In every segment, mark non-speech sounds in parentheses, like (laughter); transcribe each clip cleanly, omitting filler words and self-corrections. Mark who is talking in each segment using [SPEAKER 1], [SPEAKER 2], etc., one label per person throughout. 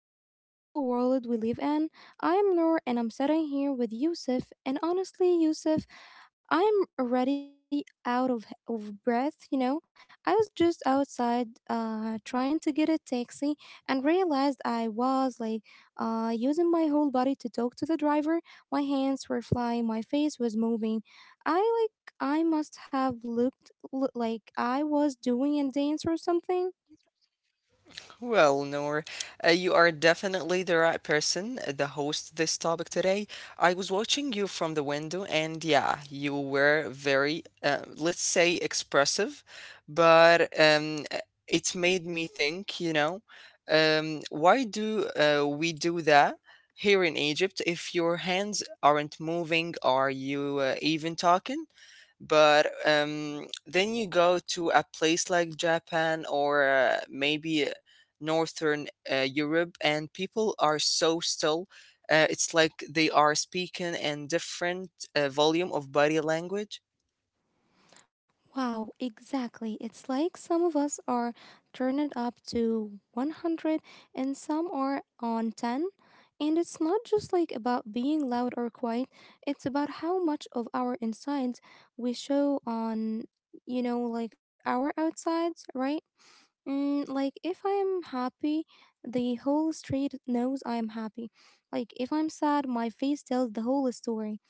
[SPEAKER 1] and beautiful world we live in. I am Noor and I'm sitting here with Yusuf. And honestly, Yusuf, I'm already out of breath, you know. I was just outside trying to get a taxi and realized I was like using my whole body to talk to the driver. My hands were flying, my face was moving. I like I must have looked like I was doing a dance or something.
[SPEAKER 2] Well, Noor, you are definitely the right person the host of this topic today. I was watching you from the window, and yeah, you were very, let's say, expressive, but it made me think, you know, why do we do that here in Egypt if your hands aren't moving? Are you even talking? But then you go to a place like Japan or maybe northern Europe, and people are so still. It's like they are speaking in different volume of body language.
[SPEAKER 1] Wow, exactly. It's like some of us are turned up to 100 and some are on 10. And it's not just like about being loud or quiet, it's about how much of our insides we show on, you know, like our outsides, right? Mm, like if I'm happy, the whole street knows I'm happy. Like if I'm sad, my face tells the whole story.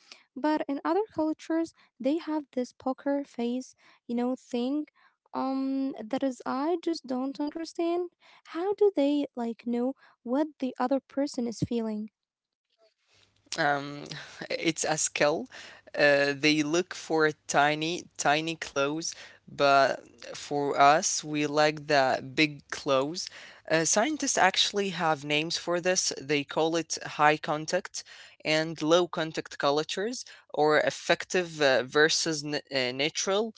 [SPEAKER 1] But in other cultures, they have this poker face, you know, thing. I just don't understand. How do they like know what the other person is feeling?
[SPEAKER 2] Um, (sighs) (laughs) it's a skill. They look for tiny, tiny clothes, but for us, we like the big clothes. Scientists actually have names for this. They call it high contact and low contact cultures, or effective versus natural.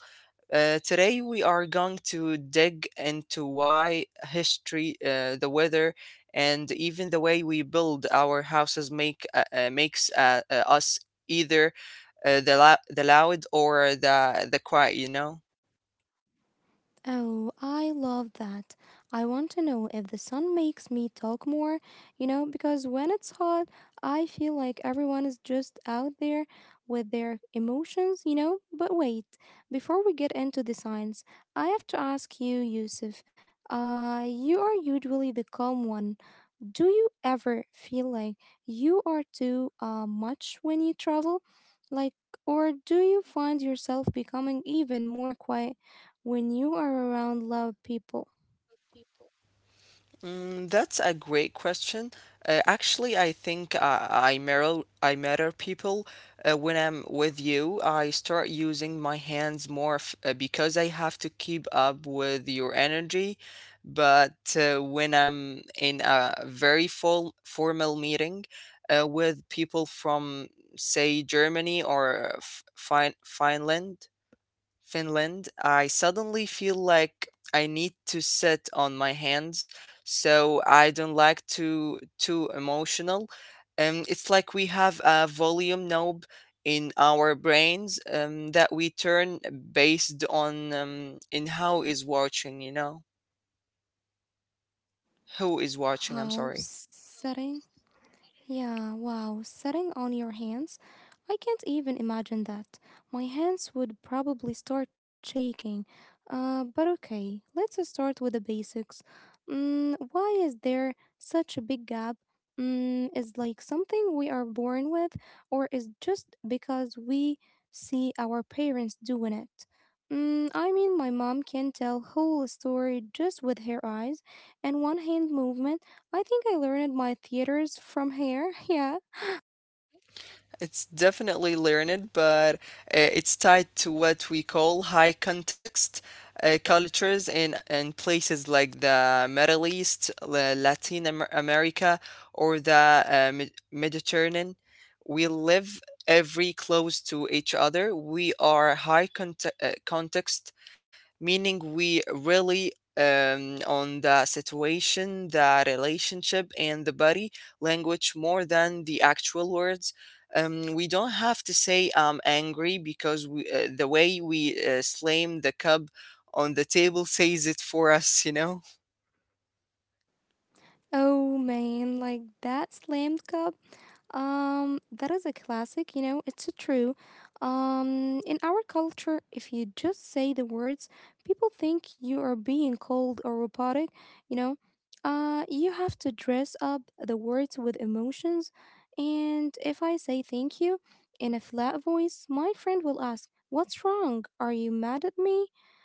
[SPEAKER 2] Today, we are going to dig into why history, the weather, and even the way we build our houses makes us either the loud or the quiet. You know.
[SPEAKER 1] Oh, I love that. I want to know if the sun makes me talk more, you know, because when it's hot, I feel like everyone is just out there with their emotions, you know. But wait, before we get into the science, I have to ask you, Yusuf. You are usually the calm one. Do you ever feel like you are too much when you travel? Like, or do you find yourself becoming even more quiet when you are around loud people?
[SPEAKER 2] Mm, that's a great question. Actually, I, think I mirror I mirror people when I'm with you. I start using my hands more f because I have to keep up with your energy. But when I'm in a very full formal meeting with people from, say, Germany or F Fin Finland, Finland, I suddenly feel like I need to sit on my hands, so I don't like to too emotional. It's like we have a volume knob in our brains that we turn based on in how is watching, you know, who is watching. I'm
[SPEAKER 1] Wow,
[SPEAKER 2] sorry.
[SPEAKER 1] setting. Yeah, wow, sitting on your hands? I can't even imagine that. My hands would probably start shaking. But okay, let's start with the basics. Mm, why is there such a big gap? Mm, is like something we are born with, or is just because we see our parents doing it? Mm, I mean, my mom can tell whole story just with her eyes and one hand movement, I think I learned my theaters from here. (laughs) Yeah.
[SPEAKER 2] It's definitely learned, but it's tied to what we call high context cultures in places like the Middle East, Latin America, or the Mediterranean. We live every close to each other. We are context, meaning we really on the situation, the relationship, and the body language more than the actual words. We don't have to say I'm angry because the way we slam the cup on the table (laughs) says it for us, you know.
[SPEAKER 1] Oh man, like that slammed cup. That is a classic. You know, it's true. In our culture, if you just say the words, people think you are being cold or robotic. You know, you have to dress up the words with emotions. And if I say thank you in a flat voice, my friend will ask, "What's wrong? Are you mad at me?"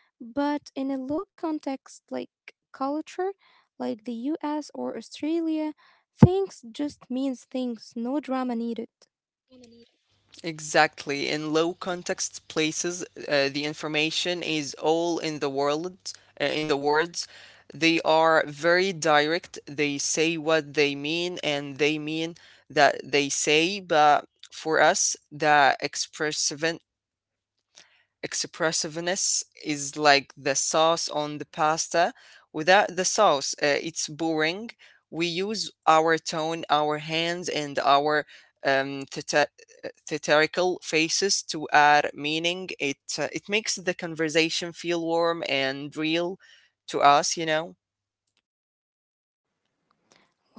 [SPEAKER 1] But in a low context like culture, like the US or Australia, things just means things, no drama needed.
[SPEAKER 2] Exactly. In low context places, the information is all in the world, in the words. They are very direct. They say what they mean and they mean that they say, but for us, the expressive expressiveness is like the sauce on the pasta. Without the sauce, it's boring. We use our tone, our hands, and our um, theta- theatrical faces to add meaning. It makes the conversation feel warm and real to us. You know.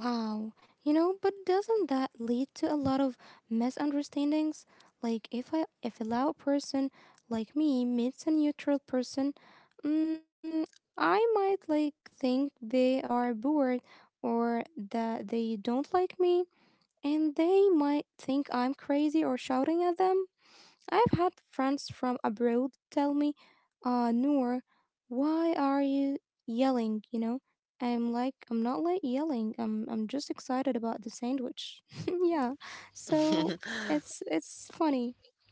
[SPEAKER 1] Wow, you know, but doesn't that lead to a lot of misunderstandings? Like if a loud person like me meets a neutral person, mm, I might like think they are bored or that they don't like me and they might think I'm crazy or shouting at them. I've had friends from abroad tell me, Noor, why are you yelling? You know, I'm like, I'm not like yelling. I'm just excited about the sandwich. (laughs) Yeah. So it's funny.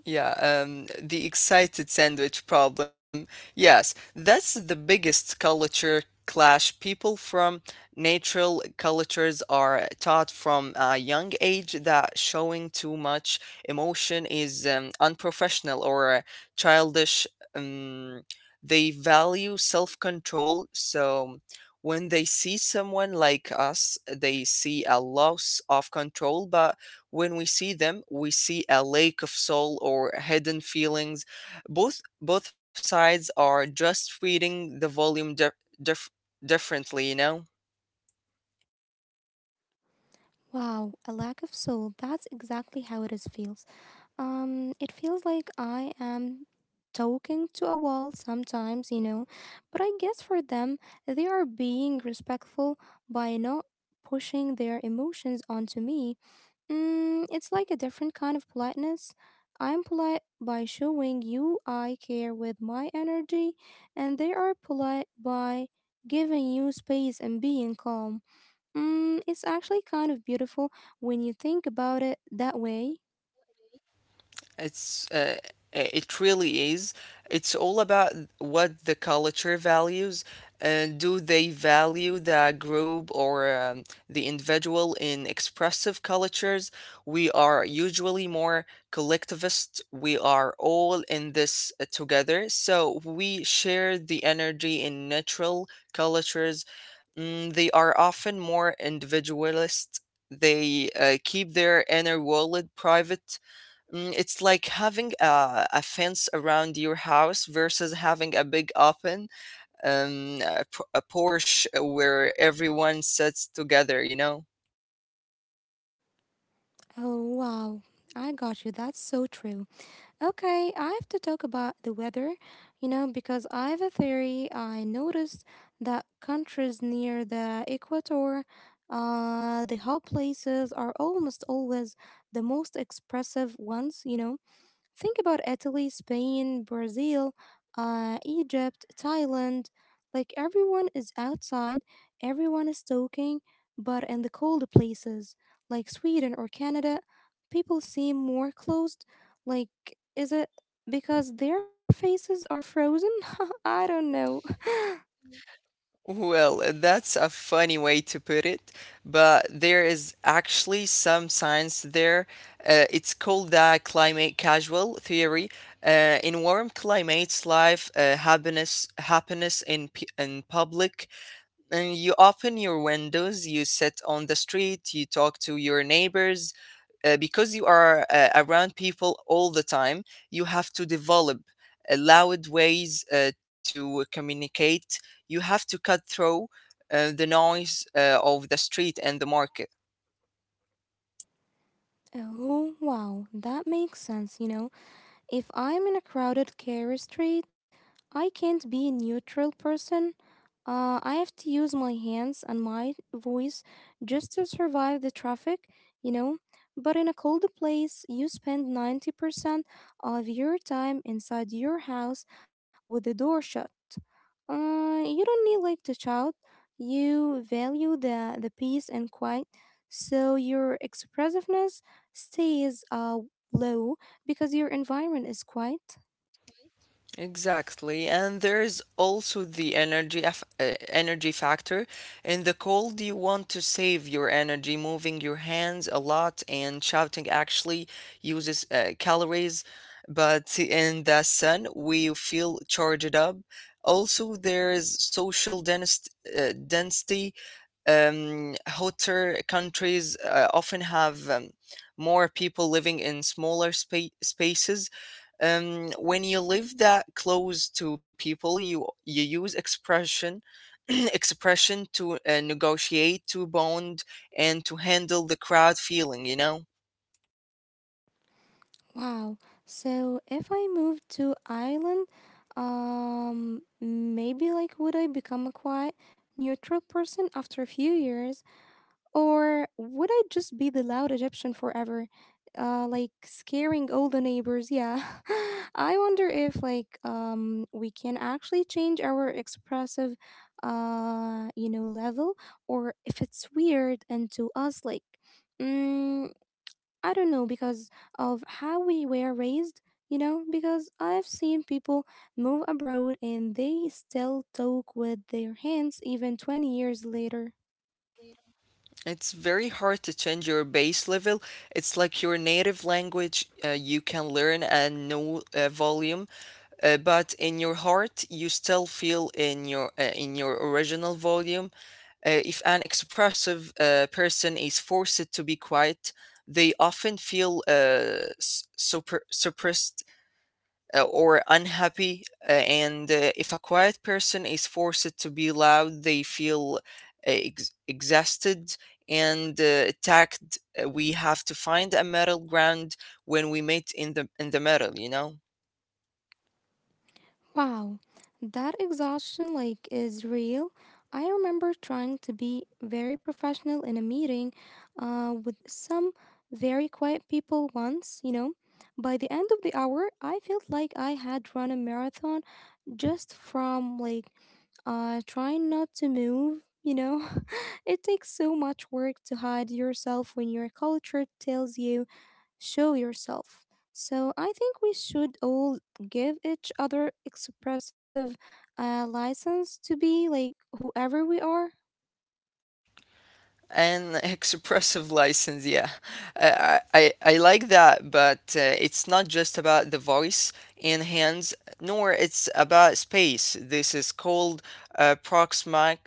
[SPEAKER 2] Yeah, the excited sandwich problem. Yes, that's the biggest culture clash. People from natural cultures are taught from a young age that showing too much emotion is unprofessional or childish. Um, they value self control, so when they see someone like us, they see a loss of control, but when we see them, we see a lake of soul or hidden feelings. Both sides are just reading the volume dif- differently, you know?
[SPEAKER 1] Wow, a lack of soul. That's exactly how it is feels. It feels like I am talking to a wall sometimes, you know, but I guess for them, they are being respectful by not pushing their emotions onto me. Mm, it's like a different kind of politeness. I'm polite by showing you I care with my energy, and they are polite by giving you space and being calm. Mm, it's actually kind of beautiful when you think about it that way.
[SPEAKER 2] It's it really is. It's all about what the culture values. Do they value the group or the individual in expressive cultures? We are usually more collectivist. We are all in this together. So we share the energy in natural cultures. Mm, they are often more individualist. They keep their inner world private. Mm, it's like having a fence around your house versus having a big open a porch where everyone sits together, you know?
[SPEAKER 1] Oh, wow. I got you. That's so true. Okay, I have to talk about the weather, you know, because I have a theory. I noticed that countries near the equator, the hot places are almost always the most expressive ones, you know. Think about Italy, Spain, Brazil, Egypt, Thailand. Like everyone is outside, everyone is talking, but in the cold places like Sweden or Canada, people seem more closed. Like, is it because their faces are frozen? (laughs) I don't know.
[SPEAKER 2] Well, that's a funny way to put it, but there is actually some science there. It's called the climate casual theory. In warm climates, life, happiness in, in public, and you open your windows, you sit on the street, you talk to your neighbors. Because you are around people all the time, you have to develop loud ways to communicate. You have to cut through the noise of the street and the market.
[SPEAKER 1] (laughs) Oh, wow, that makes sense, you know. If I'm in a crowded care street, I can't be a neutral person. I have to use my hands and my voice just to survive the traffic, you know. But in a cold place, you spend 90% of your time inside your house with the door shut. You don't need like to shout. You value the peace and quiet, so your expressiveness stays low because your environment is quiet.
[SPEAKER 2] Exactly, and there is also the energy factor. In the cold, you want to save your energy, moving your hands a lot and shouting actually uses calories. But in the sun, we feel charged up. Also, there is density. Hotter countries often have more people living in spaces. When you live that close to people, you use expression (clears throat) expression to negotiate, to bond, and to handle the crowd feeling, you know.
[SPEAKER 1] Wow. So if I move to island, maybe like would I become a quiet, neutral person after a few years, or would I just be the loud Egyptian forever, like scaring all the neighbors? Yeah. (laughs) I wonder if like we can actually change our expressive, you know, level, or if it's weird and to us like. Mm, I don't know because of how we were raised, you know, because I've seen people move abroad and they still talk with their hands even 20 years later.
[SPEAKER 2] It's very hard to change your base level. It's like your native language. You can learn a new volume, but in your heart you still feel in your original volume. If an expressive person is forced to be quiet, they often feel suppressed, or unhappy, and if a quiet person is forced to be loud, they feel exhausted and attacked. We have to find a middle ground when we meet in the middle, you know.
[SPEAKER 1] Wow, that exhaustion like is real. I remember trying to be very professional in a meeting with some very quiet people once, you know. By the end of the hour, I felt like I had run a marathon just from like trying not to move, you know. (laughs) It takes so much work to hide yourself when your culture tells you show yourself. So I think we should all give each other expressive license to be like whoever we are.
[SPEAKER 2] An (laughs) expressive license, yeah. I like that, but it's not just about the voice and hands, nor it's about space. This is called uh, proxmic,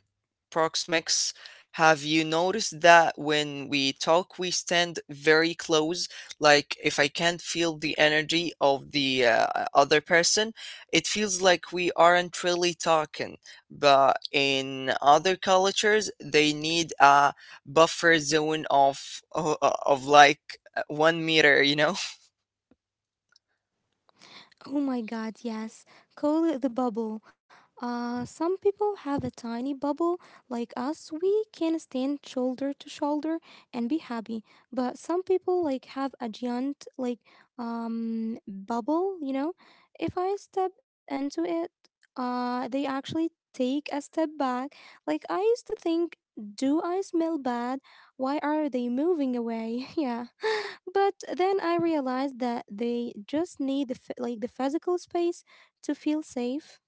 [SPEAKER 2] proxmics. Have you noticed that when we talk, we stand very close? Like, if I can't feel the energy of the other person, it feels like we aren't really talking, but in other cultures they need a buffer zone of of like 1 meter, you know.
[SPEAKER 1] Oh my god, yes. Call it the bubble. Some people have a tiny bubble. Like us, we can stand shoulder to shoulder and be happy. But some people like have a giant like bubble, you know? If I step into it, they actually take a step back. Like I used to think, do I smell bad? Why are they moving away? (laughs) Yeah. But then I realized that they just need phy- like the physical space to feel safe.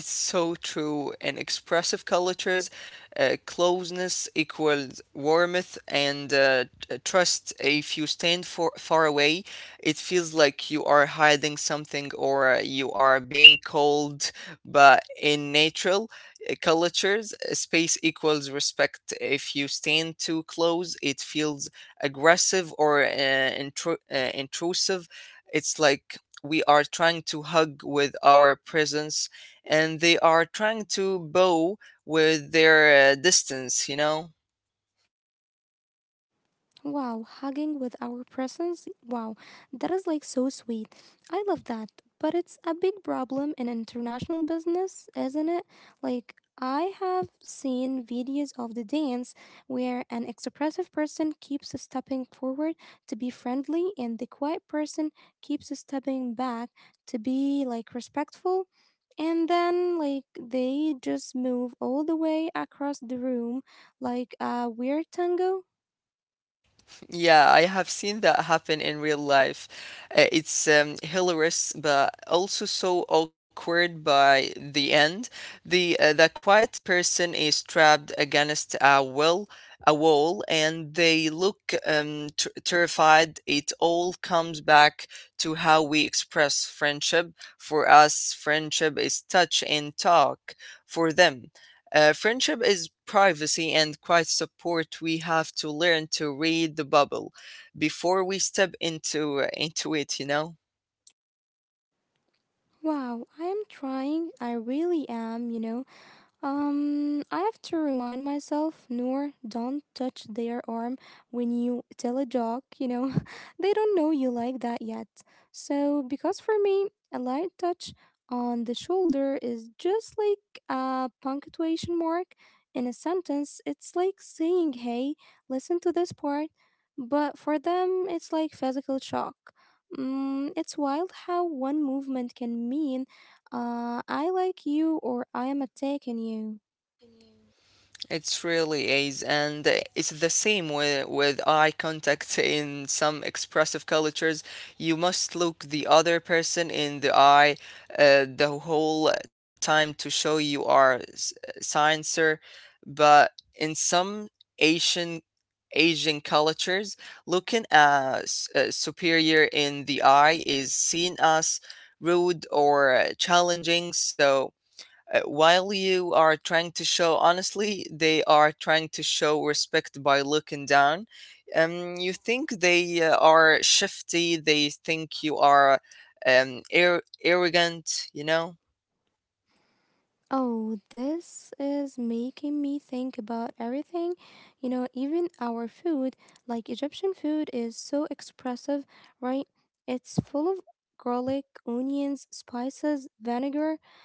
[SPEAKER 2] It's so true. In expressive cultures, closeness equals warmth and trust. If you stand for far away, it feels like you are hiding something or you are being cold. But in natural cultures, space equals respect. If you stand too close, it feels aggressive or intrusive. It's like we are trying to hug with our presence and they are trying to bow with their distance, you know.
[SPEAKER 1] Wow, hugging with our presence? Wow, that is like so sweet. I love that. But it's a big problem in international business, isn't it? Like, I have seen videos of the dance where an expressive person keeps stepping forward to be friendly and the quiet person keeps stepping back to be like respectful. And then, like, they just move all the way across the room like a weird tango.
[SPEAKER 2] Yeah, I have seen that happen in real life. It's hilarious but also so awkward. By the end, the quiet person is trapped against a wall, and they look terrified. It all comes back to how we express friendship. For us, friendship is touch and talk. For them, friendship is privacy and quiet support. We have to learn to read the bubble before we step into it. You know.
[SPEAKER 1] Wow, I am trying. I really am, you know. I have to remind myself, Noor, don't touch their arm when you tell a joke, you know. (laughs) They don't know you like that yet. So, because for me, a light touch on the shoulder is just like a punctuation mark in a sentence. It's like saying, hey, listen to this part. But for them, it's like physical shock. Mm, it's wild how one movement can mean I like you or I am attacking you.
[SPEAKER 2] It's really is, and it's the same with eye contact in some expressive cultures. You must look the other person in the eye the whole time to show you are sincere, but in some Asian Asian cultures, looking superior in the eye is seen as rude or challenging. So while you are trying to show honestly, they are trying to show respect by looking down. You think they are shifty, they think you are arrogant, you know?
[SPEAKER 1] Oh, this is making me think about everything. You know, even our food, like Egyptian food, is so expressive, right? It's full of garlic, onions, spices, vinegar.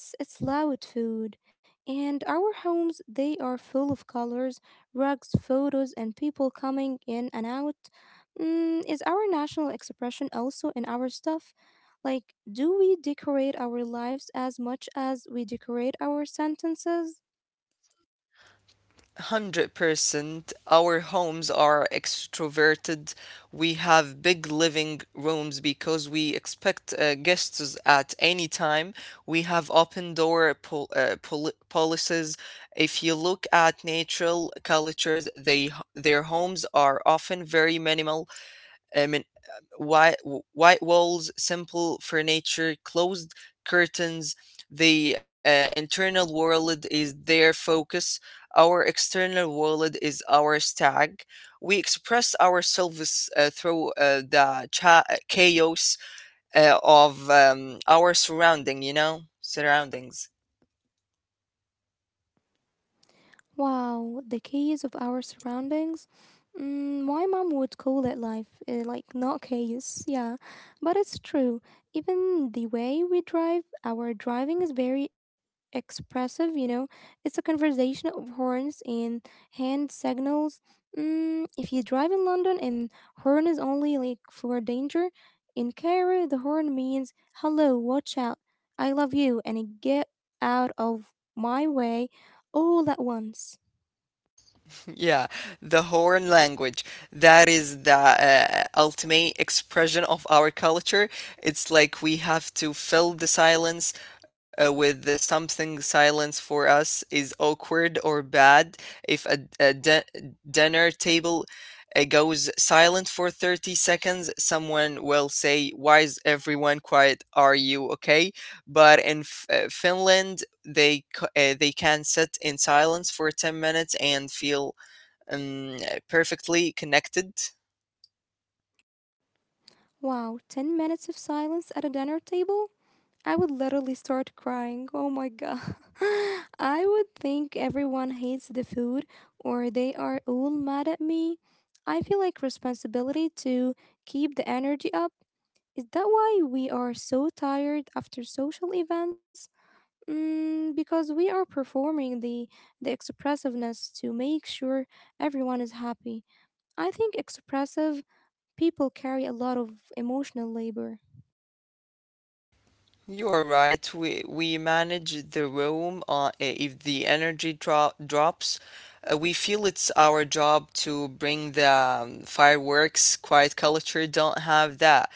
[SPEAKER 1] It's loud food. And our homes, they are full of colors, rugs, photos, and people coming in and out. Mm, is our national expression also in our stuff? Like, do we decorate our lives as much as we decorate our sentences?
[SPEAKER 2] 100%. Our homes are extroverted. We have big living rooms because we expect guests at any time. We have open door policies. If you look at natural cultures, they their homes are often very minimal. uh, min- white, white walls, simple furniture, closed curtains. The internal world is their focus. Our external world is our stag. We express ourselves through chaos of our you know, surroundings.
[SPEAKER 1] Wow, the chaos of our surroundings. Mm, my mom would call it life, like not chaos, yeah. But it's true. Even the way we drive, our driving is very expressive, you know. It's a conversation of horns and hand signals. Mm, if you drive in London and horn is only like for danger, in Cairo the horn means hello, watch out, I love you, and get out of my way all at once.
[SPEAKER 2] (laughs) Yeah, the Horn language. That is the ultimate expression of our culture. It's like we have to fill the silence with something. Silence for us is awkward or bad. If a dinner table goes silent for 30 seconds, someone will say, "Why is everyone quiet? Are you okay?" But in Finland, they they can sit in silence for 10 minutes and feel um, perfectly connected.
[SPEAKER 1] Wow, 10 minutes of silence at a dinner table? I would literally start crying. Oh my god. (laughs) I would think everyone hates the food or they are all mad at me. I feel like responsibility to keep the energy up. Is that why we are so tired after social events? Mm, because we are performing the expressiveness to make sure everyone is happy. I think expressive people carry a lot of emotional labor.
[SPEAKER 2] You are right. We manage the room. If the energy drops, we feel it's our job to bring the fireworks. Quiet culture don't have that.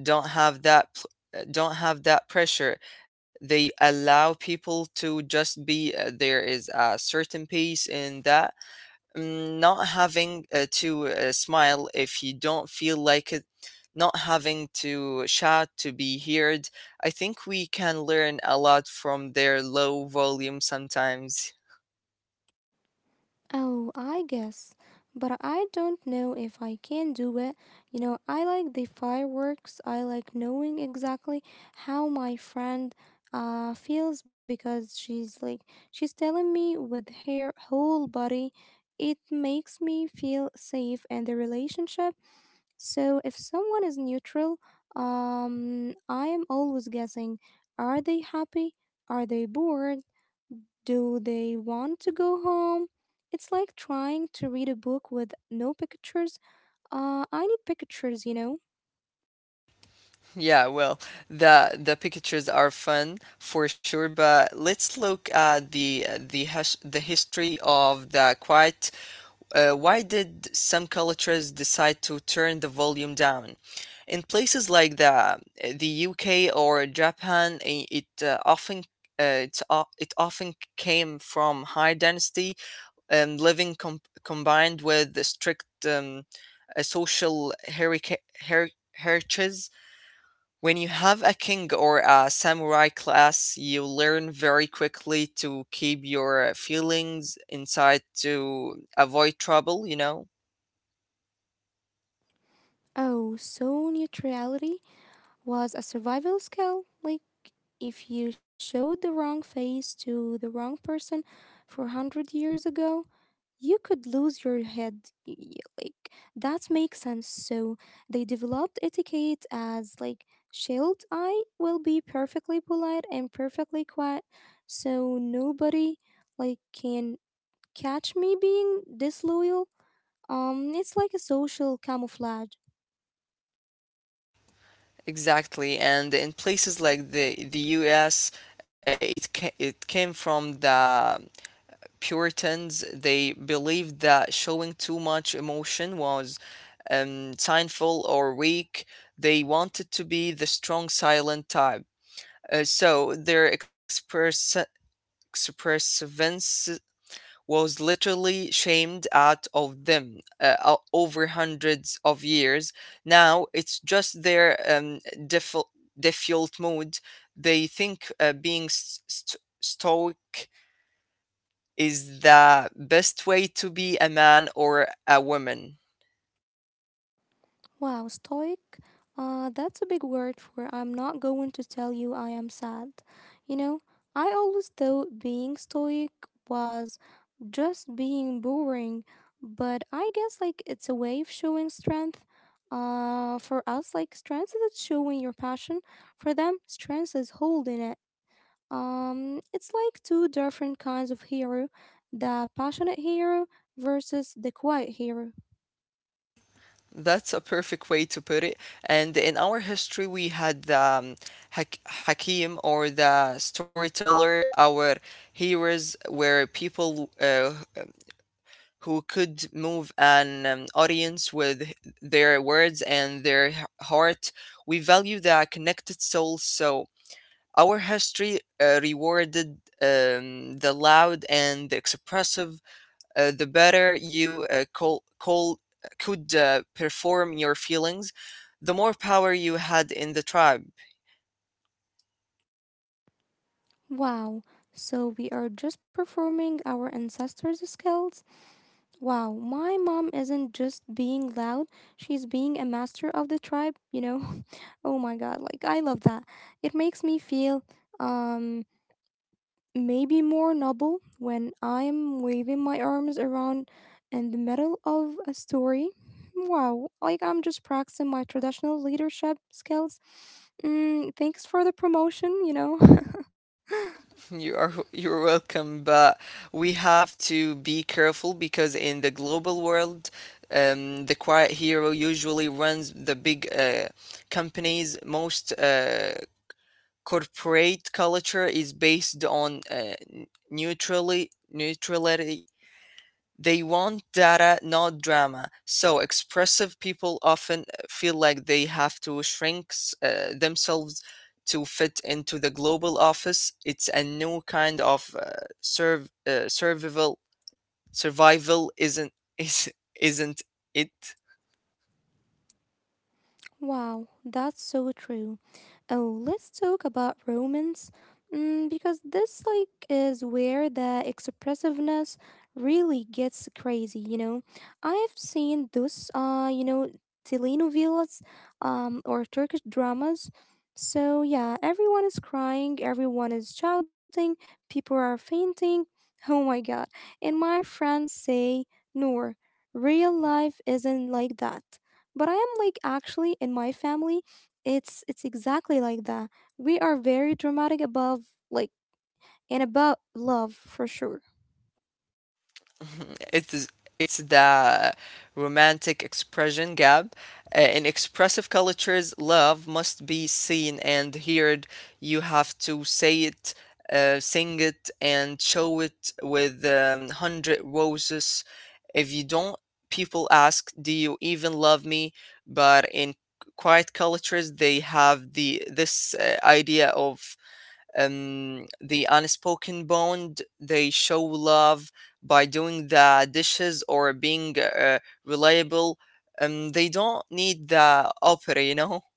[SPEAKER 2] Don't have that. pl- Don't have that pressure. They allow people to just be. There is a certain peace in that. Mm, not having to smile if you don't feel like, not having to shout to be heard. I think we can learn a lot from their low volume sometimes. (laughs)
[SPEAKER 1] Oh, I guess. But I don't know if I can do it. You know, I like the fireworks. I like knowing exactly how my friend feels because she's like she's telling me with her whole body. It makes me feel safe in the relationship. So if someone is neutral, I am always guessing, are they happy? Are they bored? Do they want to go home? It's like trying to read a book with no pictures. I need pictures, you know.
[SPEAKER 2] Yeah, well, the pictures are fun for sure, but let's look at the history of the quiet. Why did some cultures decide to turn the volume down? In places like the UK or Japan, it often it's, o- it often came from high density living combined with the strict social her- heritage. When you have a king or a samurai class, you learn very quickly to keep your feelings inside to avoid trouble, you know?
[SPEAKER 1] Oh, so neutrality was a survival skill. Like, if you showed the wrong face to the wrong person 400 years ago, you could lose your head. Like that makes sense. So they developed etiquette as like shield. I will be perfectly polite and perfectly quiet, so nobody like can catch me being disloyal. It's like a social camouflage.
[SPEAKER 2] Exactly, and in places like the U.S., it came from the Puritans. They believed that showing too much emotion was sinful or weak. They wanted to be the strong, silent type. So their expressiveness was literally shamed out of them over hundreds of years. Now it's just their default default mode. They think being stoic is the best way to be a man or a woman.
[SPEAKER 1] Wow, stoic? That's a big word for I'm not going to tell you I am sad. You know, I always thought being stoic was just being boring, but I guess like it's a way of showing strength. For us, like strength is showing your passion. For them, strength is holding it. It's like two different kinds of hero, the passionate hero versus the quiet hero.
[SPEAKER 2] That's a perfect way to put it. And in our history, we had the Hakim or the storyteller. Our heroes were people who could move an audience with their words and their heart. We value the connected soul, so our history rewarded the loud and the expressive. Uh, the better you could perform your feelings, the more power you had in the tribe.
[SPEAKER 1] Wow, so we are just performing our ancestors' skills? Wow, my mom isn't just being loud, she's being a master of the tribe, you know? (laughs) Oh my god, like I love that. It makes me feel, um, maybe more noble when I'm waving my arms around in the middle of a story. Wow, like I'm just practicing my traditional leadership skills. Mm, thanks for the promotion, you know? (laughs)
[SPEAKER 2] You're welcome, but we have to be careful because in the global world, the quiet hero usually runs the big companies. Most corporate culture is based on neutrally neutrality. They want data, not drama. So expressive people often feel like they have to shrink themselves to fit into the global office. It's a new kind of survival. Survival isn't (laughs) is isn't it?
[SPEAKER 1] Wow, that's so true. Oh, let's talk about romance, mm, because this like is where the expressiveness really gets crazy. You know, I've seen those, telenovelas, or Turkish dramas. So yeah, everyone is crying, everyone is shouting, people are fainting. (laughs) Oh my god! And my friends say, "Noor, real life isn't like that." But I am like actually in my family. It's exactly like that. We are very dramatic above like and about love for sure.
[SPEAKER 2] (laughs) It's it's the romantic expression gap. In expressive cultures, love must be seen and heard. You have to say it, sing it, and show it with hundred roses. If you don't, people ask, "Do you even love me?" But in quiet cultures, they have the this idea of the unspoken bond. They show love by doing the dishes or being reliable. They don't need the opera, you know.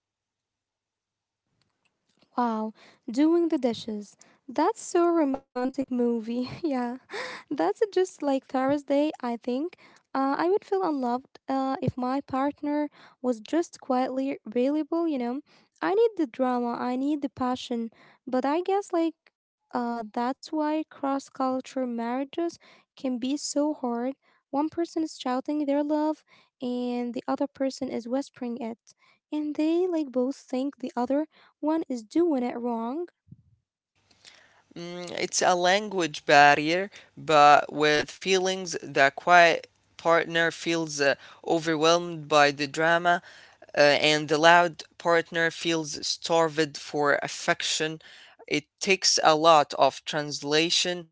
[SPEAKER 1] Wow, doing the dishes. That's so romantic movie. (laughs) Yeah. (laughs) That's just like Thursday, I think. I would feel unloved if my partner was just quietly available, you know. I need the drama, I need the passion, but I guess like that's why cross culture marriages can be so hard. One person is shouting their love and the other person is whispering it. And they like both think the other one is doing it wrong.
[SPEAKER 2] Mm, it's a language barrier, but with feelings, the quiet partner feels overwhelmed by the drama, and the loud partner feels starved for affection. It takes a lot of translation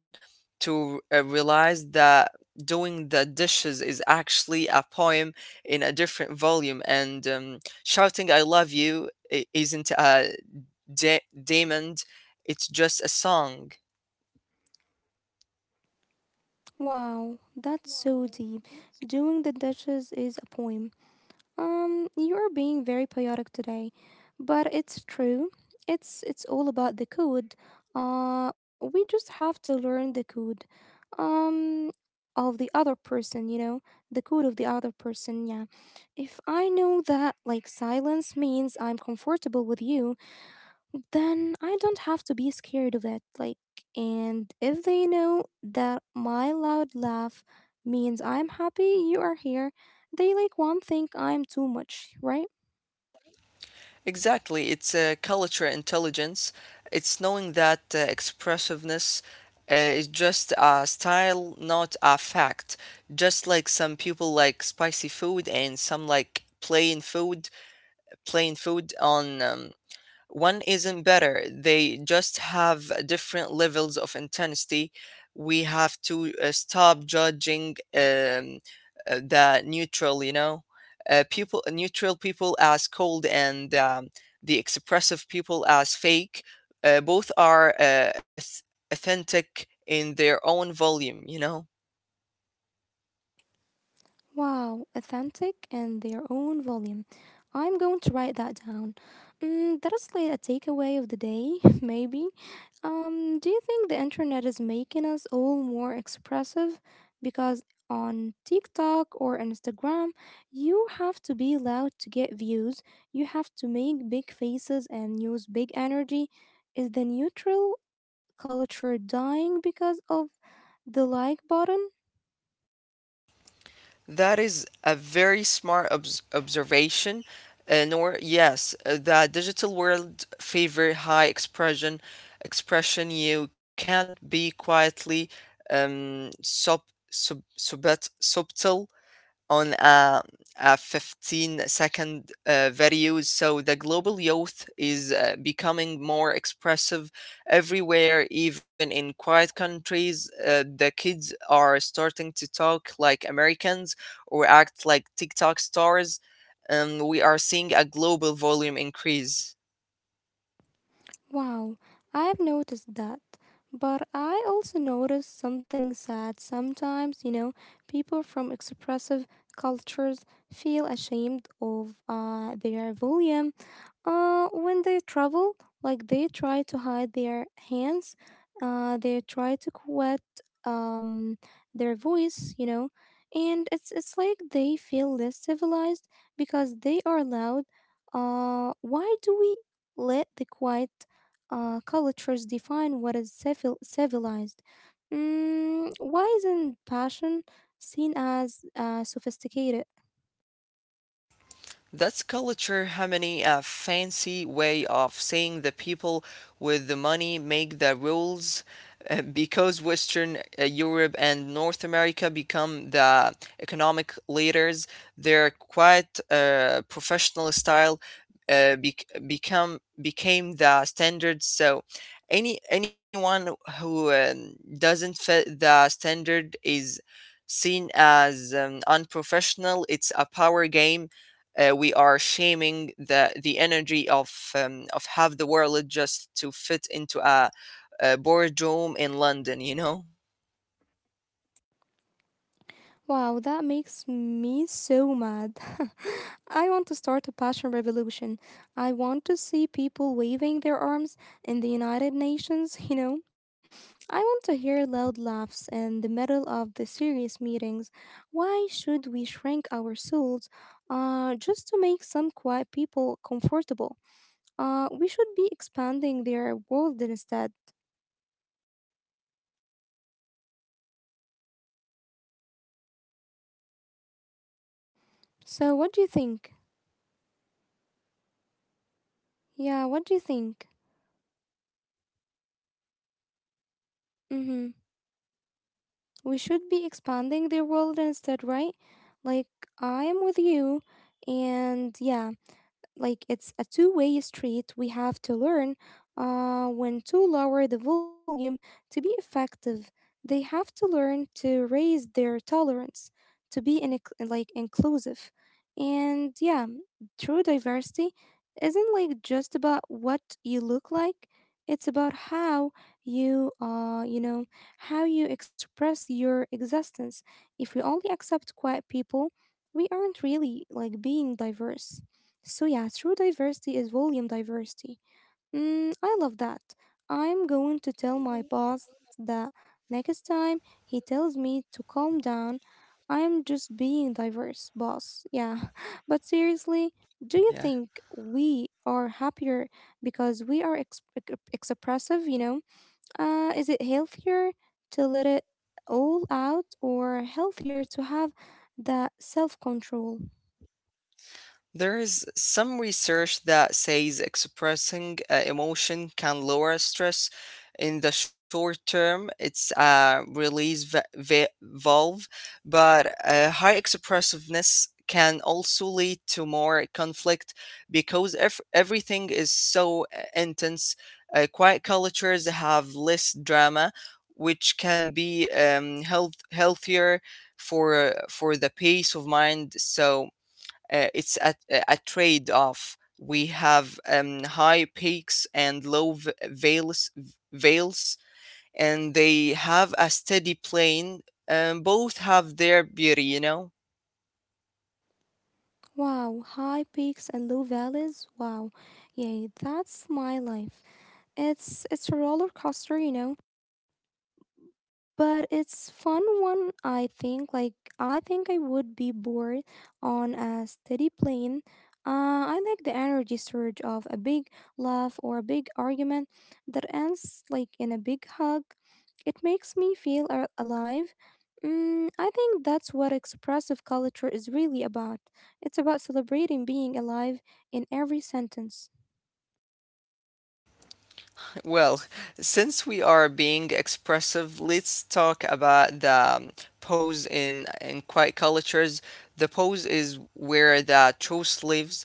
[SPEAKER 2] to realize that doing the dishes is actually a poem in a different volume, and shouting "I love you" isn't a demand; it's just a song.
[SPEAKER 1] Wow, that's so deep. Doing the dishes is a poem. You're being very poetic today, but it's true. It's all about the code. We just have to learn the code. Um, of the other person, you know, the code of the other person. Yeah. If I know that like silence means I'm comfortable with you, then I don't have to be scared of it. Like, and if they know that my loud laugh means I'm happy you are here, they like won't think I'm too much, right?
[SPEAKER 2] Exactly. It's culture intelligence. It's knowing that expressiveness is just a style, not a fact. Just like some people like spicy food and some like plain food on one isn't better. They just have different levels of intensity. We have to stop judging the neutral you know people neutral people as cold and the expressive people as fake. Both are authentic in their own volume, you know.
[SPEAKER 1] Wow, authentic in their own volume. I'm going to write that down. Mm, that is like a takeaway of the day, (laughs) maybe. Do you think the internet is making us all more expressive? Because on TikTok or Instagram, you have to be loud to get views, you have to make big faces and use big energy. Is the neutral culture dying because of the like button?
[SPEAKER 2] That is a very smart observation. Nor yes, the digital world favor high expression. Expression you can't be quietly um, sub subtle on a 15 second video. So the global youth is becoming more expressive everywhere, even in quiet countries. The kids are starting to talk like Americans or act like TikTok stars. We are seeing a global volume increase.
[SPEAKER 1] Wow, I've noticed that. But I also notice something sad sometimes, you know, people from expressive cultures feel ashamed of their volume when they travel, like they try to hide their hands, they try to quit um, their voice, you know, and it's like they feel less civilized because they are loud. Why do we let the quiet cultures define what is civilized? Mm, why isn't passion seen as sophisticated?
[SPEAKER 2] That's culture harmony, a fancy way of saying the people with the money make the rules. Because Western Europe and North America become the economic leaders. Their quiet professional style became the standard. So anyone who doesn't fit the standard is seen as unprofessional. It's a power game. We are shaming the energy of half the world just to fit into a boardroom in London, you know.
[SPEAKER 1] Wow, that makes me so mad. (laughs) I want to start a passion revolution. I want to see people waving their arms in the United Nations, you know. I want to hear loud laughs in the middle of the serious meetings. Why should we shrink our souls just to make some quiet people comfortable? We should be expanding their world instead. So, what do you think? Yeah, what do you think? Mm hmm. We should be expanding their world instead, right? Like, I am with you, and yeah like it's a two-way street. We have to learn when to lower the volume to be effective. They have to learn to raise their tolerance to be in, like inclusive. And yeah, true diversity isn't like just about what you look like. It's about how you you know how you express your existence. If we only accept quiet people, we aren't really like being diverse. So, yeah, true diversity is volume diversity. Mm, I love that. I'm going to tell my boss that next time he tells me to calm down, I'm just being diverse, boss. Yeah, (laughs) but seriously, do you
[SPEAKER 2] Yeah.
[SPEAKER 1] think we are happier because we are expressive, you know? Is it healthier to let it all out or healthier to have that self control?
[SPEAKER 2] There is some research that says expressing emotion can lower stress in the short term. It's a release valve, but high expressiveness can also lead to more conflict because everything is so intense. Quiet cultures have less drama, which can be healthier for the peace of mind. So it's a trade off. We have high peaks and low vales, and they have a steady plane. Both have their beauty, you know.
[SPEAKER 1] Wow, high peaks and low valleys. Wow. Yeah, that's my life. It's a roller coaster, you know, but it's fun one. I think I would be bored on a steady plane. I like the energy surge of a big laugh or a big argument that ends like in a big hug. It makes me feel alive. Mm, I think that's what expressive culture is really about. It's about celebrating being alive in every sentence.
[SPEAKER 2] Well, since we are being expressive, let's talk about the pose in quiet cultures. The pose is where the truth lives.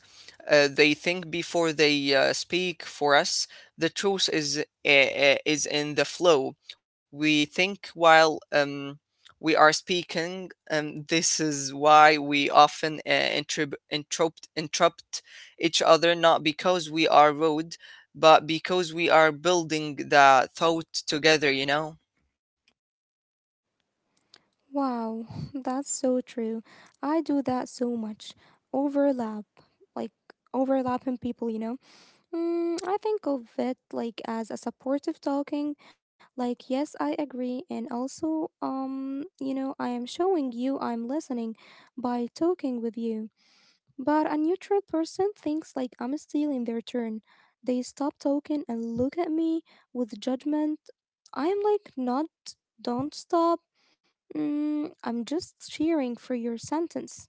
[SPEAKER 2] They think before they speak. For us, the truth is in the flow. We think while we are speaking, and this is why we often interrupt each other, not because we are rude but because we are building the thought together, you know?
[SPEAKER 1] Wow, (laughs) that's so true. I do that so much. Overlap, like overlapping people, you know? Mm, I think of it like as a supportive talking, like, yes, I agree. And also, I am showing you I'm listening by talking with you. But a neutral person thinks like I'm stealing their turn. They stop talking and look at me with judgment. I am like, not, don't stop. Mm, I'm just cheering for your sentence.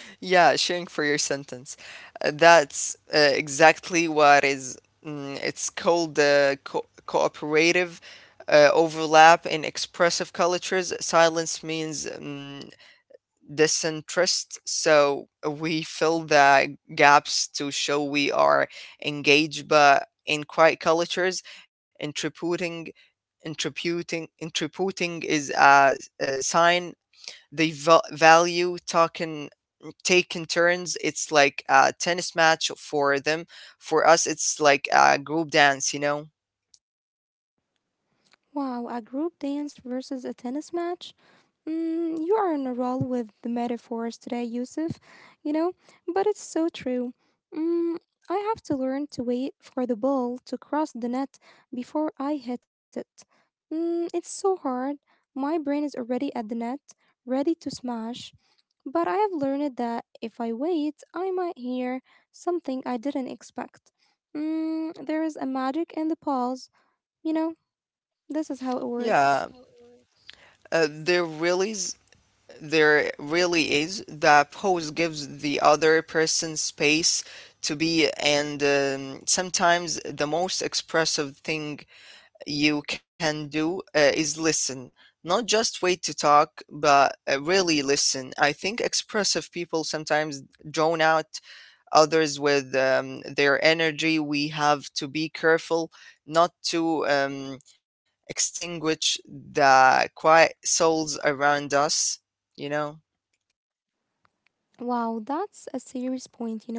[SPEAKER 2] Yeah, sharing for your sentence. That's exactly what is. Mm, it's called cooperative overlap in expressive cultures. Silence means mm disinterest. So we fill the gaps to show we are engaged, but in quiet cultures, interpreting interpreting is a sign. They value talking taking turns. It's like a tennis match for them. For us it's like a group dance, you know.
[SPEAKER 1] Wow, a group dance versus a tennis match? Mm, you are on a roll with the metaphors today, Yusuf. You know, but it's so true. Mm, I have to learn to wait for the ball to cross the net before I hit it. Mm, it's so hard. My brain is already at the net, ready to smash, but I have learned that if I wait, I might hear something I didn't expect. Mm, there is a magic in the pause. You know, this is how it works.
[SPEAKER 2] Yeah, uh, there really there really is. The pose gives the other person space to be, and sometimes the most expressive thing you can do is listen. Not just wait to talk, but really listen. I think expressive people sometimes drown out others with their energy. We have to be careful not to extinguish the quiet souls around us, you know?
[SPEAKER 1] Wow, that's a serious point, you know.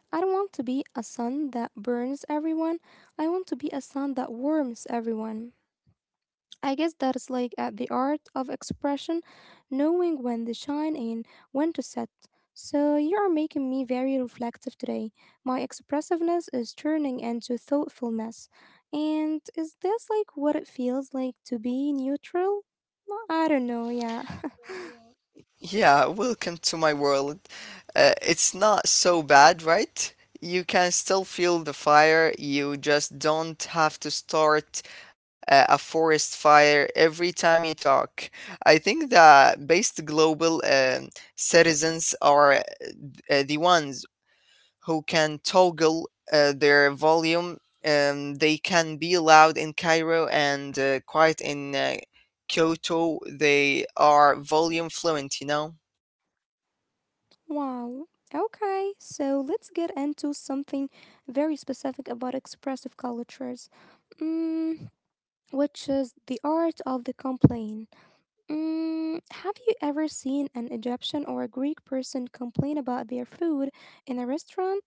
[SPEAKER 1] I don't want to be a sun that burns everyone. I want to be a sun that warms everyone. I guess that's like at the art of expression, knowing when to shine and when to set. So you are making me very reflective today. My expressiveness is turning into thoughtfulness. And is this like what it feels like to be neutral? I don't know, yeah.
[SPEAKER 2] Yeah, welcome to my world. It's not so bad, right? You can still feel the fire. You just don't have to start a forest fire every time you talk. I think that based global citizens are the ones who can toggle their volume. They can be loud in Cairo and quiet in Kyoto. They are volume fluent, you know? ושם
[SPEAKER 1] (laughs) Wow. Okay, so let's get into something very specific about expressive cultures, mm, which is the art of the complaint. Mm, have you ever seen an Egyptian or a Greek person complain about their food in a restaurant?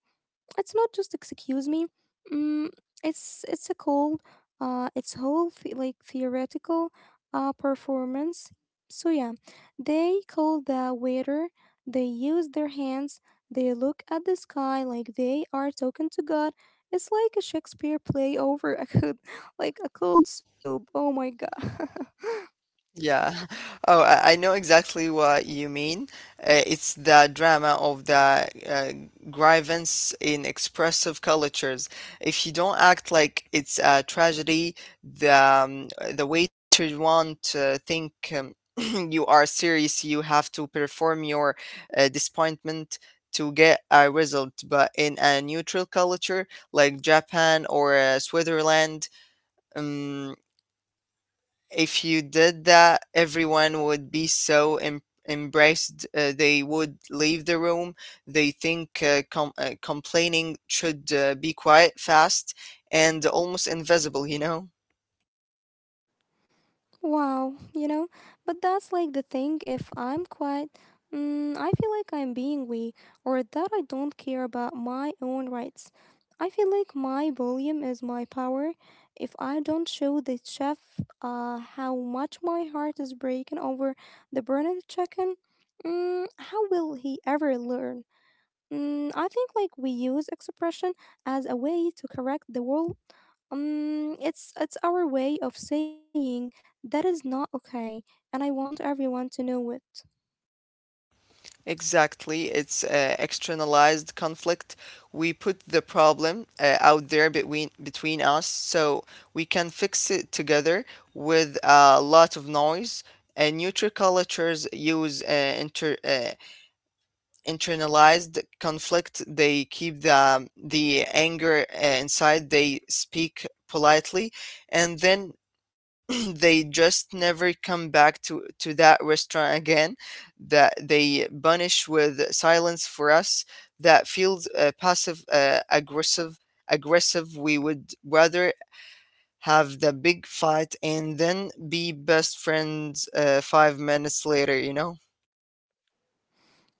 [SPEAKER 1] It's not just excuse me. Mm, it's a cold, it's whole like theoretical performance. So yeah, they call the waiter. They use their hands. They look at the sky like they are talking to God. It's like a Shakespeare play over a good, (laughs) like a cold soup. Oh my god. (laughs)
[SPEAKER 2] Yeah. (laughs) Oh, I know exactly what you mean. It's the drama of the grievance in expressive cultures. If you don't act like it's a tragedy, the um, the waiter won't think (clears throat) you are serious. You have to perform your disappointment to get a result. But in a neutral culture like Japan or Switzerland, um, if you did that, everyone would be so embraced. They would leave the room. They think complaining should be quiet, fast, and almost invisible, you know?
[SPEAKER 1] Wow, you know, but that's like the thing. If I'm quiet, mm, I feel like I'm being weak or that I don't care about my own rights. I feel like my volume is my power. If I don't show the chef how much my heart is breaking over the burned chicken, mm, how will he ever learn? Mm, I think like we use expression as a way to correct the world. It's our way of saying that is not okay, and I want everyone to know it.
[SPEAKER 2] Exactly. It's externalized conflict. We put the problem out there between us so we can fix it together with a lot of noise. And neutral cultures use internalized conflict. They keep the anger inside. They speak politely and then (clears throat) they just never come back to that restaurant again. That They punish with silence. For us that feels passive aggressive. We would rather have the big fight and then be best friends 5 minutes later, you know.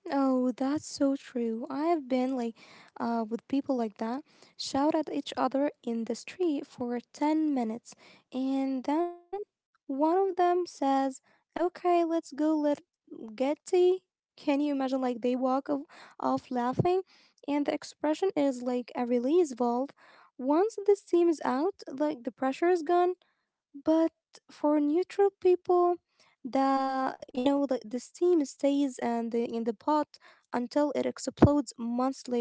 [SPEAKER 1] Oh, that's so true. I have been like with people like that, shout at each other in the street for 10 minutes, and then one of them says, okay, let's go let get tea. Can you imagine like they walk off laughing? And the expression is like a release valve. Once the steam is out, like the pressure is gone, but for neutral people the you know the steam stays and in the pot until it explodes months later.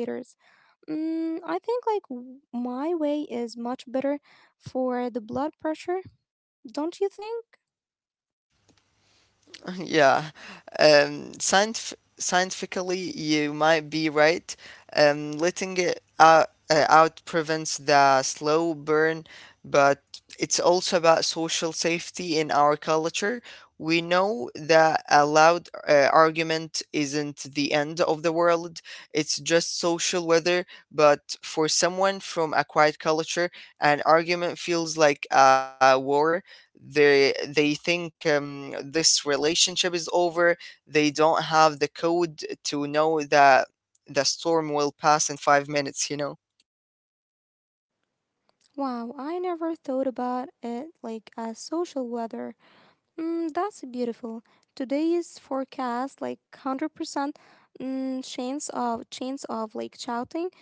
[SPEAKER 1] Mm, I think like my way is much better for the blood pressure, don't you think?
[SPEAKER 2] (laughs) Yeah, um, scientif scientifically, you might be right. Letting it out, prevents the slow burn, but it's also about social safety in our culture. We know that a loud argument isn't the end of the world, it's just social weather. But for someone from a quiet culture, an argument feels like a war. They think this relationship is over. They don't have the code to know that the storm will pass in 5 minutes, you know.
[SPEAKER 1] Wow, I never thought about it like a social weather. Mm, that's beautiful. Today's forecast like 100% chance of like shouting,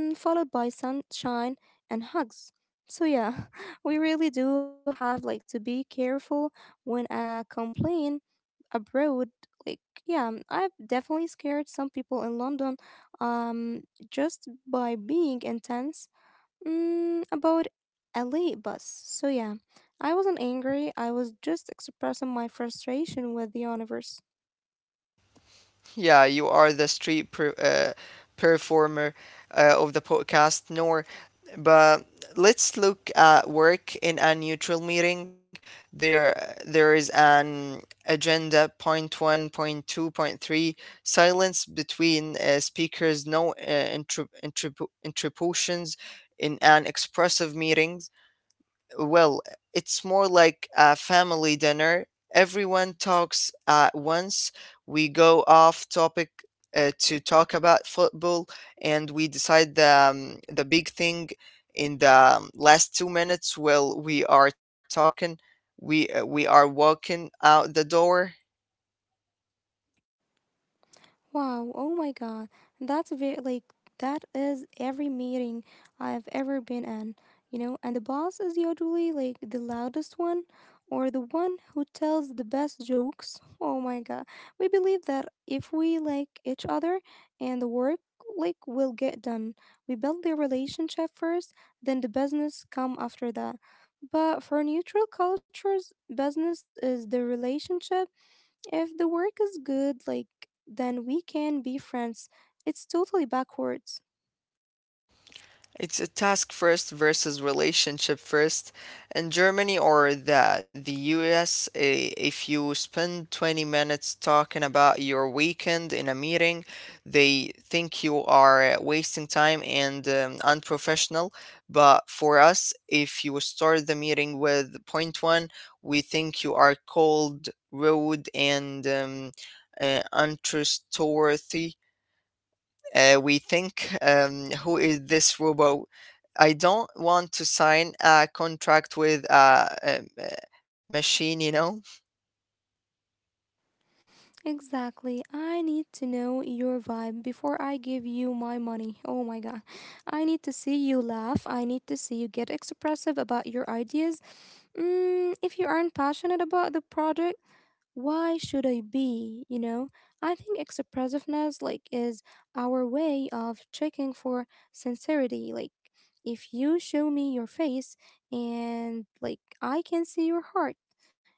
[SPEAKER 1] mm, followed by sunshine and hugs. So yeah, (laughs) we really do have like to be careful when I complain abroad. Like yeah, I've definitely scared some people in London, um, just by being intense. Mm, about a late bus. So, yeah, I wasn't angry, I was just expressing my frustration with the universe.
[SPEAKER 2] Yeah, you are the street performer of the podcast, nor. But let's look at work in a neutral meeting. There is an agenda point one, point two, point three. Silence between speakers. No interruptions in an expressive meeting. well it's more like a family dinner. Everyone talks at once. We go off topic to talk about football, and we decide the big thing in the last 2 minutes. Well, we are talking, we are walking out the door.
[SPEAKER 1] Wow, oh my god. That's very like that is every meeting I've ever been in, and the boss is usually like the loudest one or the one who tells the best jokes. (laughs) Oh my god. We believe that if we like each other and the work like will get done. We build the relationship first, then the business come after that. But for neutral cultures, business is the relationship if the work is good, like, then we can be friends. It's totally backwards.
[SPEAKER 2] It's a task first versus relationship first. In Germany or the US, if you spend 20 minutes talking about your weekend in a meeting, they think you are wasting time and unprofessional. But for us, if you start the meeting with point one, we think you are cold, rude, and untrustworthy. We think, who is this robot? I don't want to sign a contract with a machine, you know.
[SPEAKER 1] Exactly. I need to know your vibe before I give you my money. Oh my god. I need to see you laugh. I need to see you get expressive about your ideas. If you aren't passionate about the project, why should I be? I think expressiveness like is our way of checking for sincerity. Like, if you show me your face and like I can see your heart,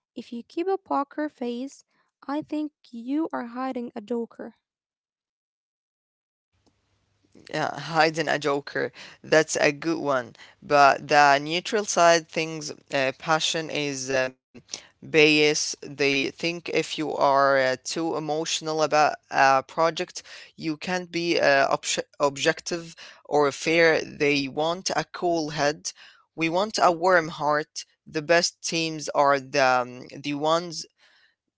[SPEAKER 1] if you keep a poker face I think you are hiding a joker.
[SPEAKER 2] Yeah, hiding a joker. That's a good one. But the neutral side things, passion is bias. They think if you are too emotional about a project, you can't be objective or fair. They want a cool head. We want a warm heart. The best teams are the ones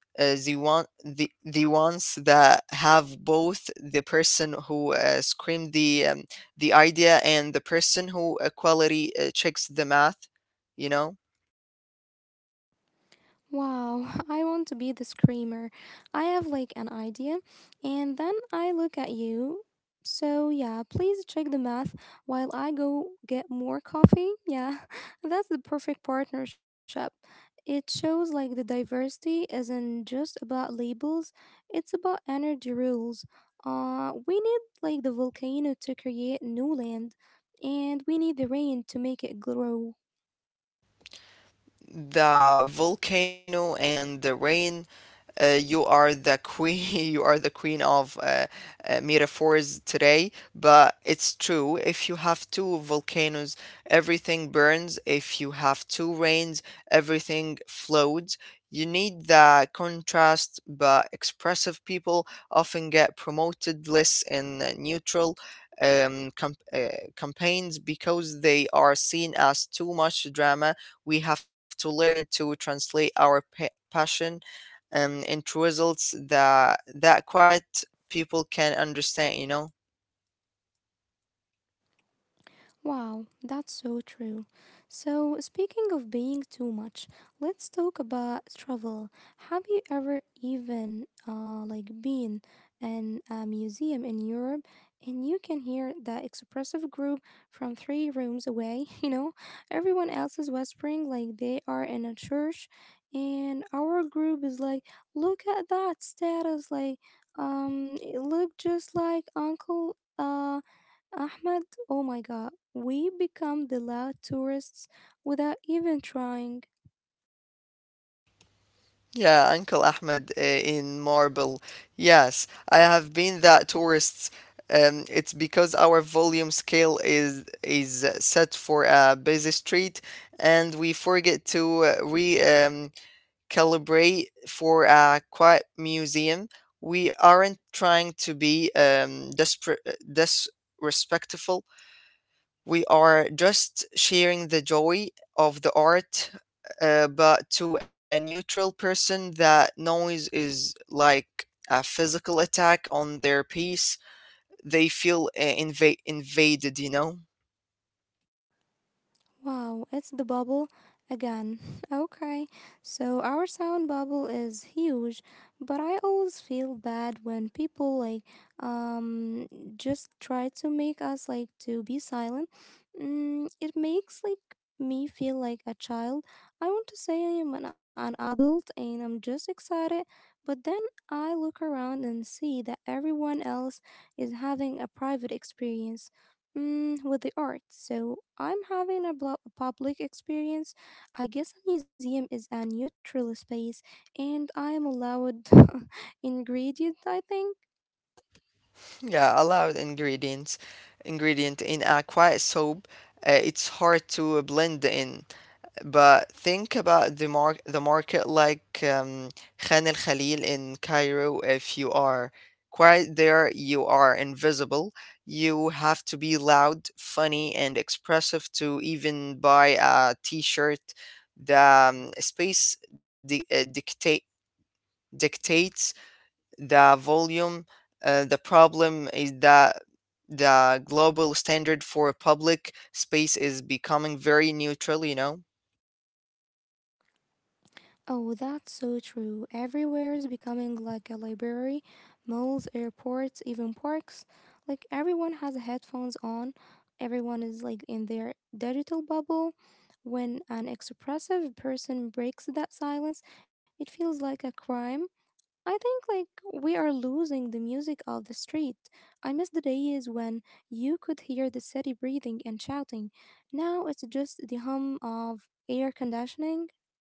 [SPEAKER 2] the ones that have both the person who screamed the idea and the person who quality checks the math you know
[SPEAKER 1] Wow, (laughs) I want to be the screamer. I have like an idea, and then I look at you. So, yeah, please check the math while I go get more coffee. Yeah, (laughs) that's the perfect partnership. It shows like the diversity isn't just about labels, it's about energy rules. We need like the volcano to create new land, and we need the rain to make it grow.
[SPEAKER 2] the volcano and the rain. You are the queen. (laughs) You are the queen of metaphors today, but it's true. If you have two volcanoes, everything burns. If you have two rains, everything floats. You need the contrast, but expressive people often get promoted less in neutral campaigns because they are seen as too much drama. We have to learn to translate our passion into results that quiet people can understand.
[SPEAKER 1] Wow, that's so true. So, speaking of being too much, let's talk about travel. Have you ever even like been in a museum in Europe and you can hear the expressive group from three rooms away, (laughs) you know? Everyone else is whispering like they are in a church and our group is like, "Look at that status like it look just like Uncle Ahmed," oh my god, we become the loud tourists without even trying.
[SPEAKER 2] Yeah, Uncle Ahmed, in Marble. Yes, I have been that tourists. It's because our volume scale is set for a busy street, and we forget to re calibrate for a quiet museum. We aren't trying to be disrespectful. We are just sharing the joy of the art, but to a neutral person, that noise is like a physical attack on their peace. They feel invaded, you know?
[SPEAKER 1] Wow, it's the bubble again. (laughs) Okay, so our sound bubble is huge, but I always feel bad when people like um just try to make us like to be silent. It makes like me feel like a child. I want to say I am an adult and I'm just excited, but then I look around and see that everyone else is having a private experience with the art. So I'm having a public experience. I guess a museum is a neutral space and I am allowed (laughs) ingredient, I think.
[SPEAKER 2] Yeah, allowed ingredient in a quiet soap. It's hard to blend in, but think about the the market like Khan el Khalil in Cairo. If you are quiet there, you are invisible. You have to be loud, funny, and expressive to even buy a T-shirt. The space dictates the volume. The problem is that the global standard for public space is becoming very neutral.
[SPEAKER 1] Oh, that's so true. Everywhere is becoming like a library, malls, airports, even parks. Like everyone has headphones on. Everyone is like in their digital bubble. When an expressive person breaks that silence, it feels like a crime. I think like we are losing the music of the street. I miss the days when you could hear the city breathing and shouting. Now it's just the hum of air conditioning.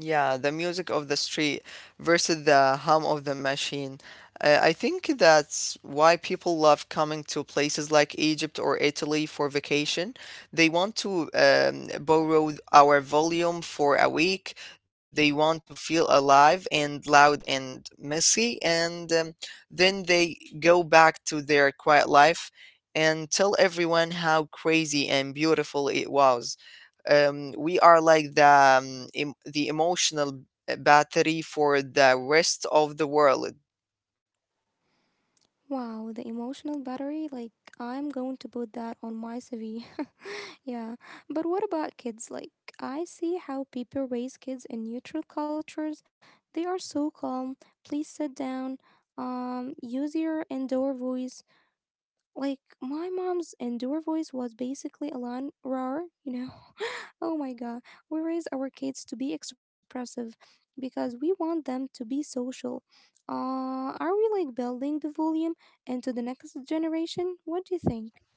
[SPEAKER 2] Yeah, the music of the street versus the hum of the machine. I think that's why people love coming to places like Egypt or Italy for vacation. They want to borrow our volume for a week. They want to feel alive and loud and messy, and then they go back to their quiet life and tell everyone how crazy and beautiful it was. We are like the emotional battery for the rest of the world.
[SPEAKER 1] Wow, the emotional battery, like I'm going to put that on my CV. (laughs) Yeah. But what about kids? Like I see how people raise kids in neutral cultures. They are so calm. Please sit down. Use your indoor voice. Like my mom's indoor voice was basically Alan Rar, you know. (laughs) Oh my god. We raise our kids to be expressive because we want them to be social. Are we like building the volume into the next generation? What do you think?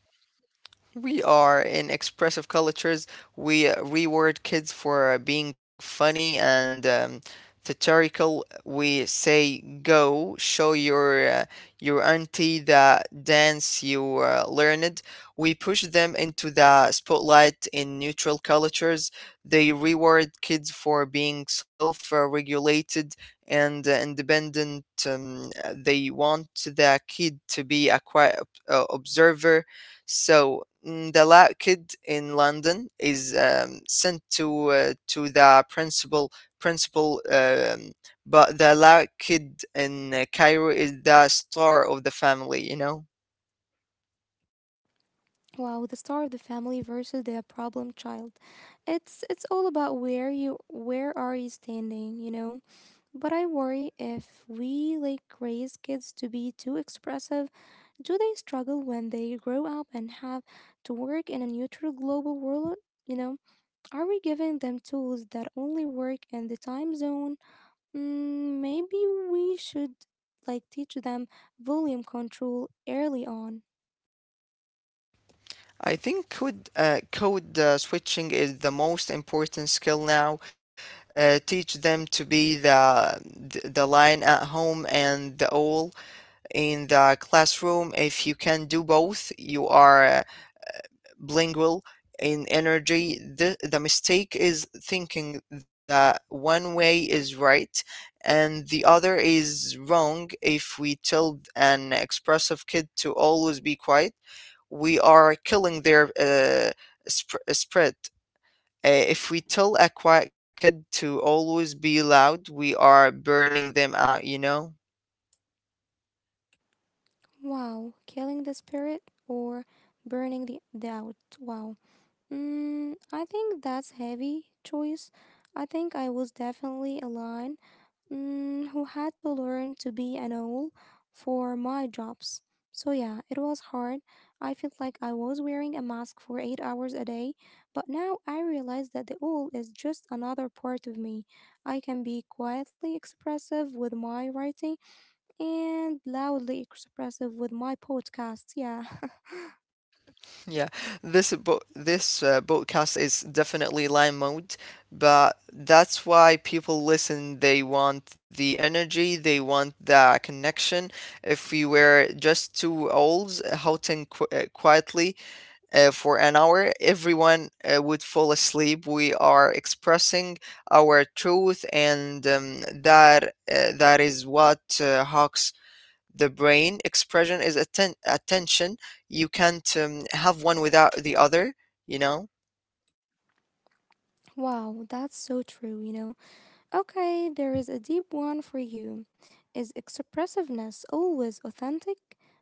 [SPEAKER 2] We are in expressive cultures. We reward kids for being funny and satirical. We say, "Go show your auntie the dance you learned." We push them into the spotlight in neutral cultures. They reward kids for being self-regulated and independent. They want the kid to be a quiet observer. So kid in London is sent to the principal, but the kid in Cairo is the star of the family. You know,
[SPEAKER 1] Wow, the star of the family versus the problem child. It's all about where are you standing, you know? But I worry if we like raise kids to be too expressive. Do they struggle when they grow up and have to work in a neutral global world? You know, are we giving them tools that only work in the time zone? Maybe we should like teach them volume control early on.
[SPEAKER 2] I think code switching is the most important skill now. Teach them to be the lion at home and the owl in the classroom. If you can do both, you are bilingual in energy. The mistake is thinking that one way is right and the other is wrong. If we tell an expressive kid to always be quiet, we are killing their spread. If we tell a quiet kid to always be loud, we are burning them out.
[SPEAKER 1] Wow, killing the spirit or burning the out. Wow. I think that's heavy choice. I think I was definitely a line who had to learn to be an owl for my jobs. So yeah, it was hard. I felt like I was wearing a mask for 8 hours a day, but now I realize that the owl is just another part of me. I can be quietly expressive with my writing and loudly expressive with my podcasts. Yeah.
[SPEAKER 2] Yeah, this podcast is definitely live mode, but that's why people listen. They want the energy, they want the connection. If we were just two owls howling qu quietly for an hour, everyone would fall asleep. We are expressing our truth, and that is what Hawks the brain. Expression is attention. You can't have one without the other you know
[SPEAKER 1] (laughs) Wow, that's so true, you know. Okay, there is a deep one for you. Is expressiveness always authentic?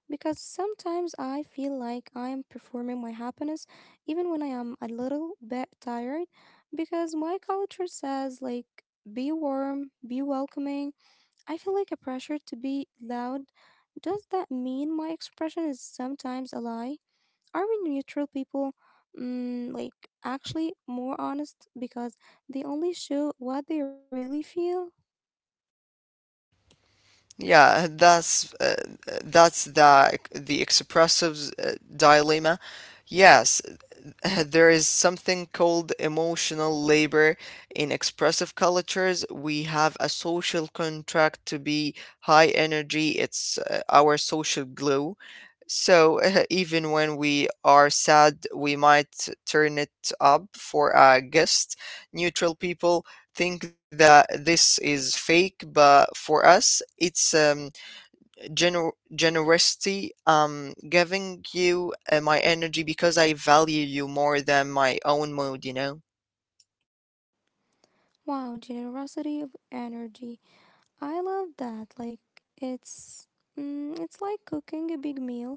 [SPEAKER 1] Because sometimes I feel like I am performing my happiness even when I am a little bit tired because my culture says like be warm, be welcoming. I feel like a pressure to be loud. Does that mean my expression is sometimes a lie? Are we neutral people like actually more honest because they only show what they really feel?
[SPEAKER 2] yeah, that's the expressive's dilemma, yes. (laughs) There is something called emotional labor. In expressive cultures, we have a social contract to be high energy. It's our social glue. So (laughs) even when we are sad, we might turn it up for a guest. Neutral people think that this is fake, but for us, it's generosity, giving you my energy because I value you more than my own mood, you know?
[SPEAKER 1] Wow, generosity of energy. I love that. Like it's it's like cooking a big meal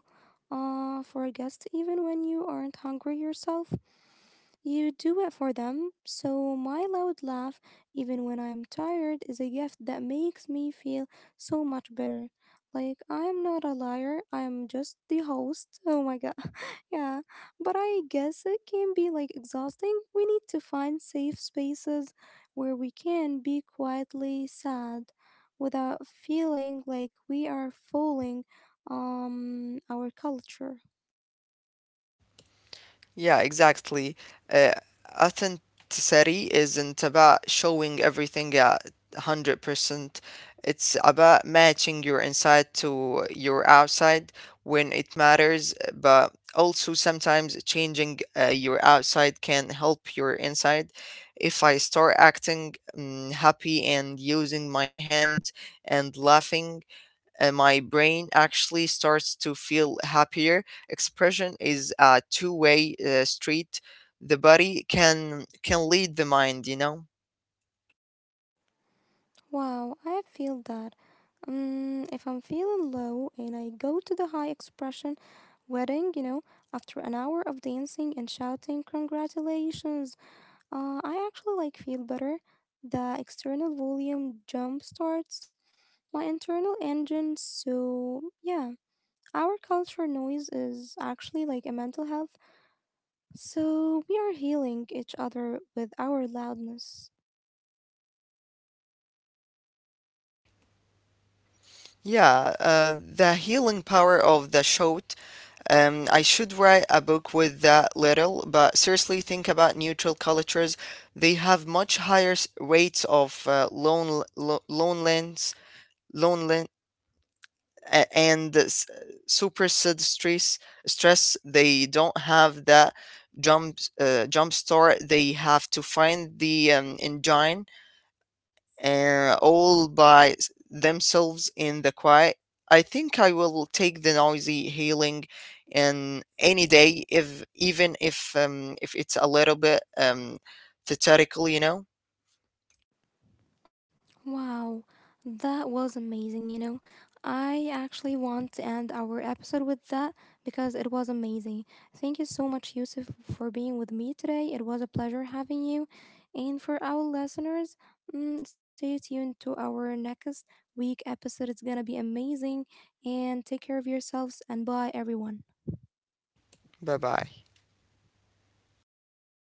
[SPEAKER 1] for a guest even when you aren't hungry yourself. You do it for them. So, my loud laugh, even when I'm tired, is a gift that makes me feel so much better. Like, I'm not a liar, I'm just the host. Oh my god. (laughs) Yeah. But I guess it can be like exhausting. We need to find safe spaces where we can be quietly sad without feeling like we are fooling our culture.
[SPEAKER 2] Yeah, exactly. Uh, Authenticity isn't about showing everything at 100%. It's about matching your inside to your outside when it matters, but also sometimes changing your outside can help your inside. If I start acting happy and using my hands and laughing, my brain actually starts to feel happier. Expression is a two-way street. The body can lead the mind, you know.
[SPEAKER 1] Wow, I feel that. If I'm feeling low and I go to the high expression wedding, after an hour of dancing and shouting, congratulations, I actually like feel better. The external volume jump starts my internal engine, so yeah. Our culture noise is actually like a mental health, so we are healing each other with our loudness.
[SPEAKER 2] Yeah, the healing power of the shout. I should write a book with that little, but seriously, think about neutral cultures. They have much higher rates of loneliness, a- and s- super said stress. They don't have that jump start. They have to find the engine all by themselves in the quiet. I think I will take the noisy healing in any day, if even if it's a little bit theatrical, you know.
[SPEAKER 1] Wow, that was amazing. I actually want to end our episode with that because it was amazing. Thank you so much, Yusuf, for being with me today. It was a pleasure having you. And for our listeners, stay tuned to our next week episode. It's going to be amazing. And take care of yourselves and bye, everyone.
[SPEAKER 2] Bye bye.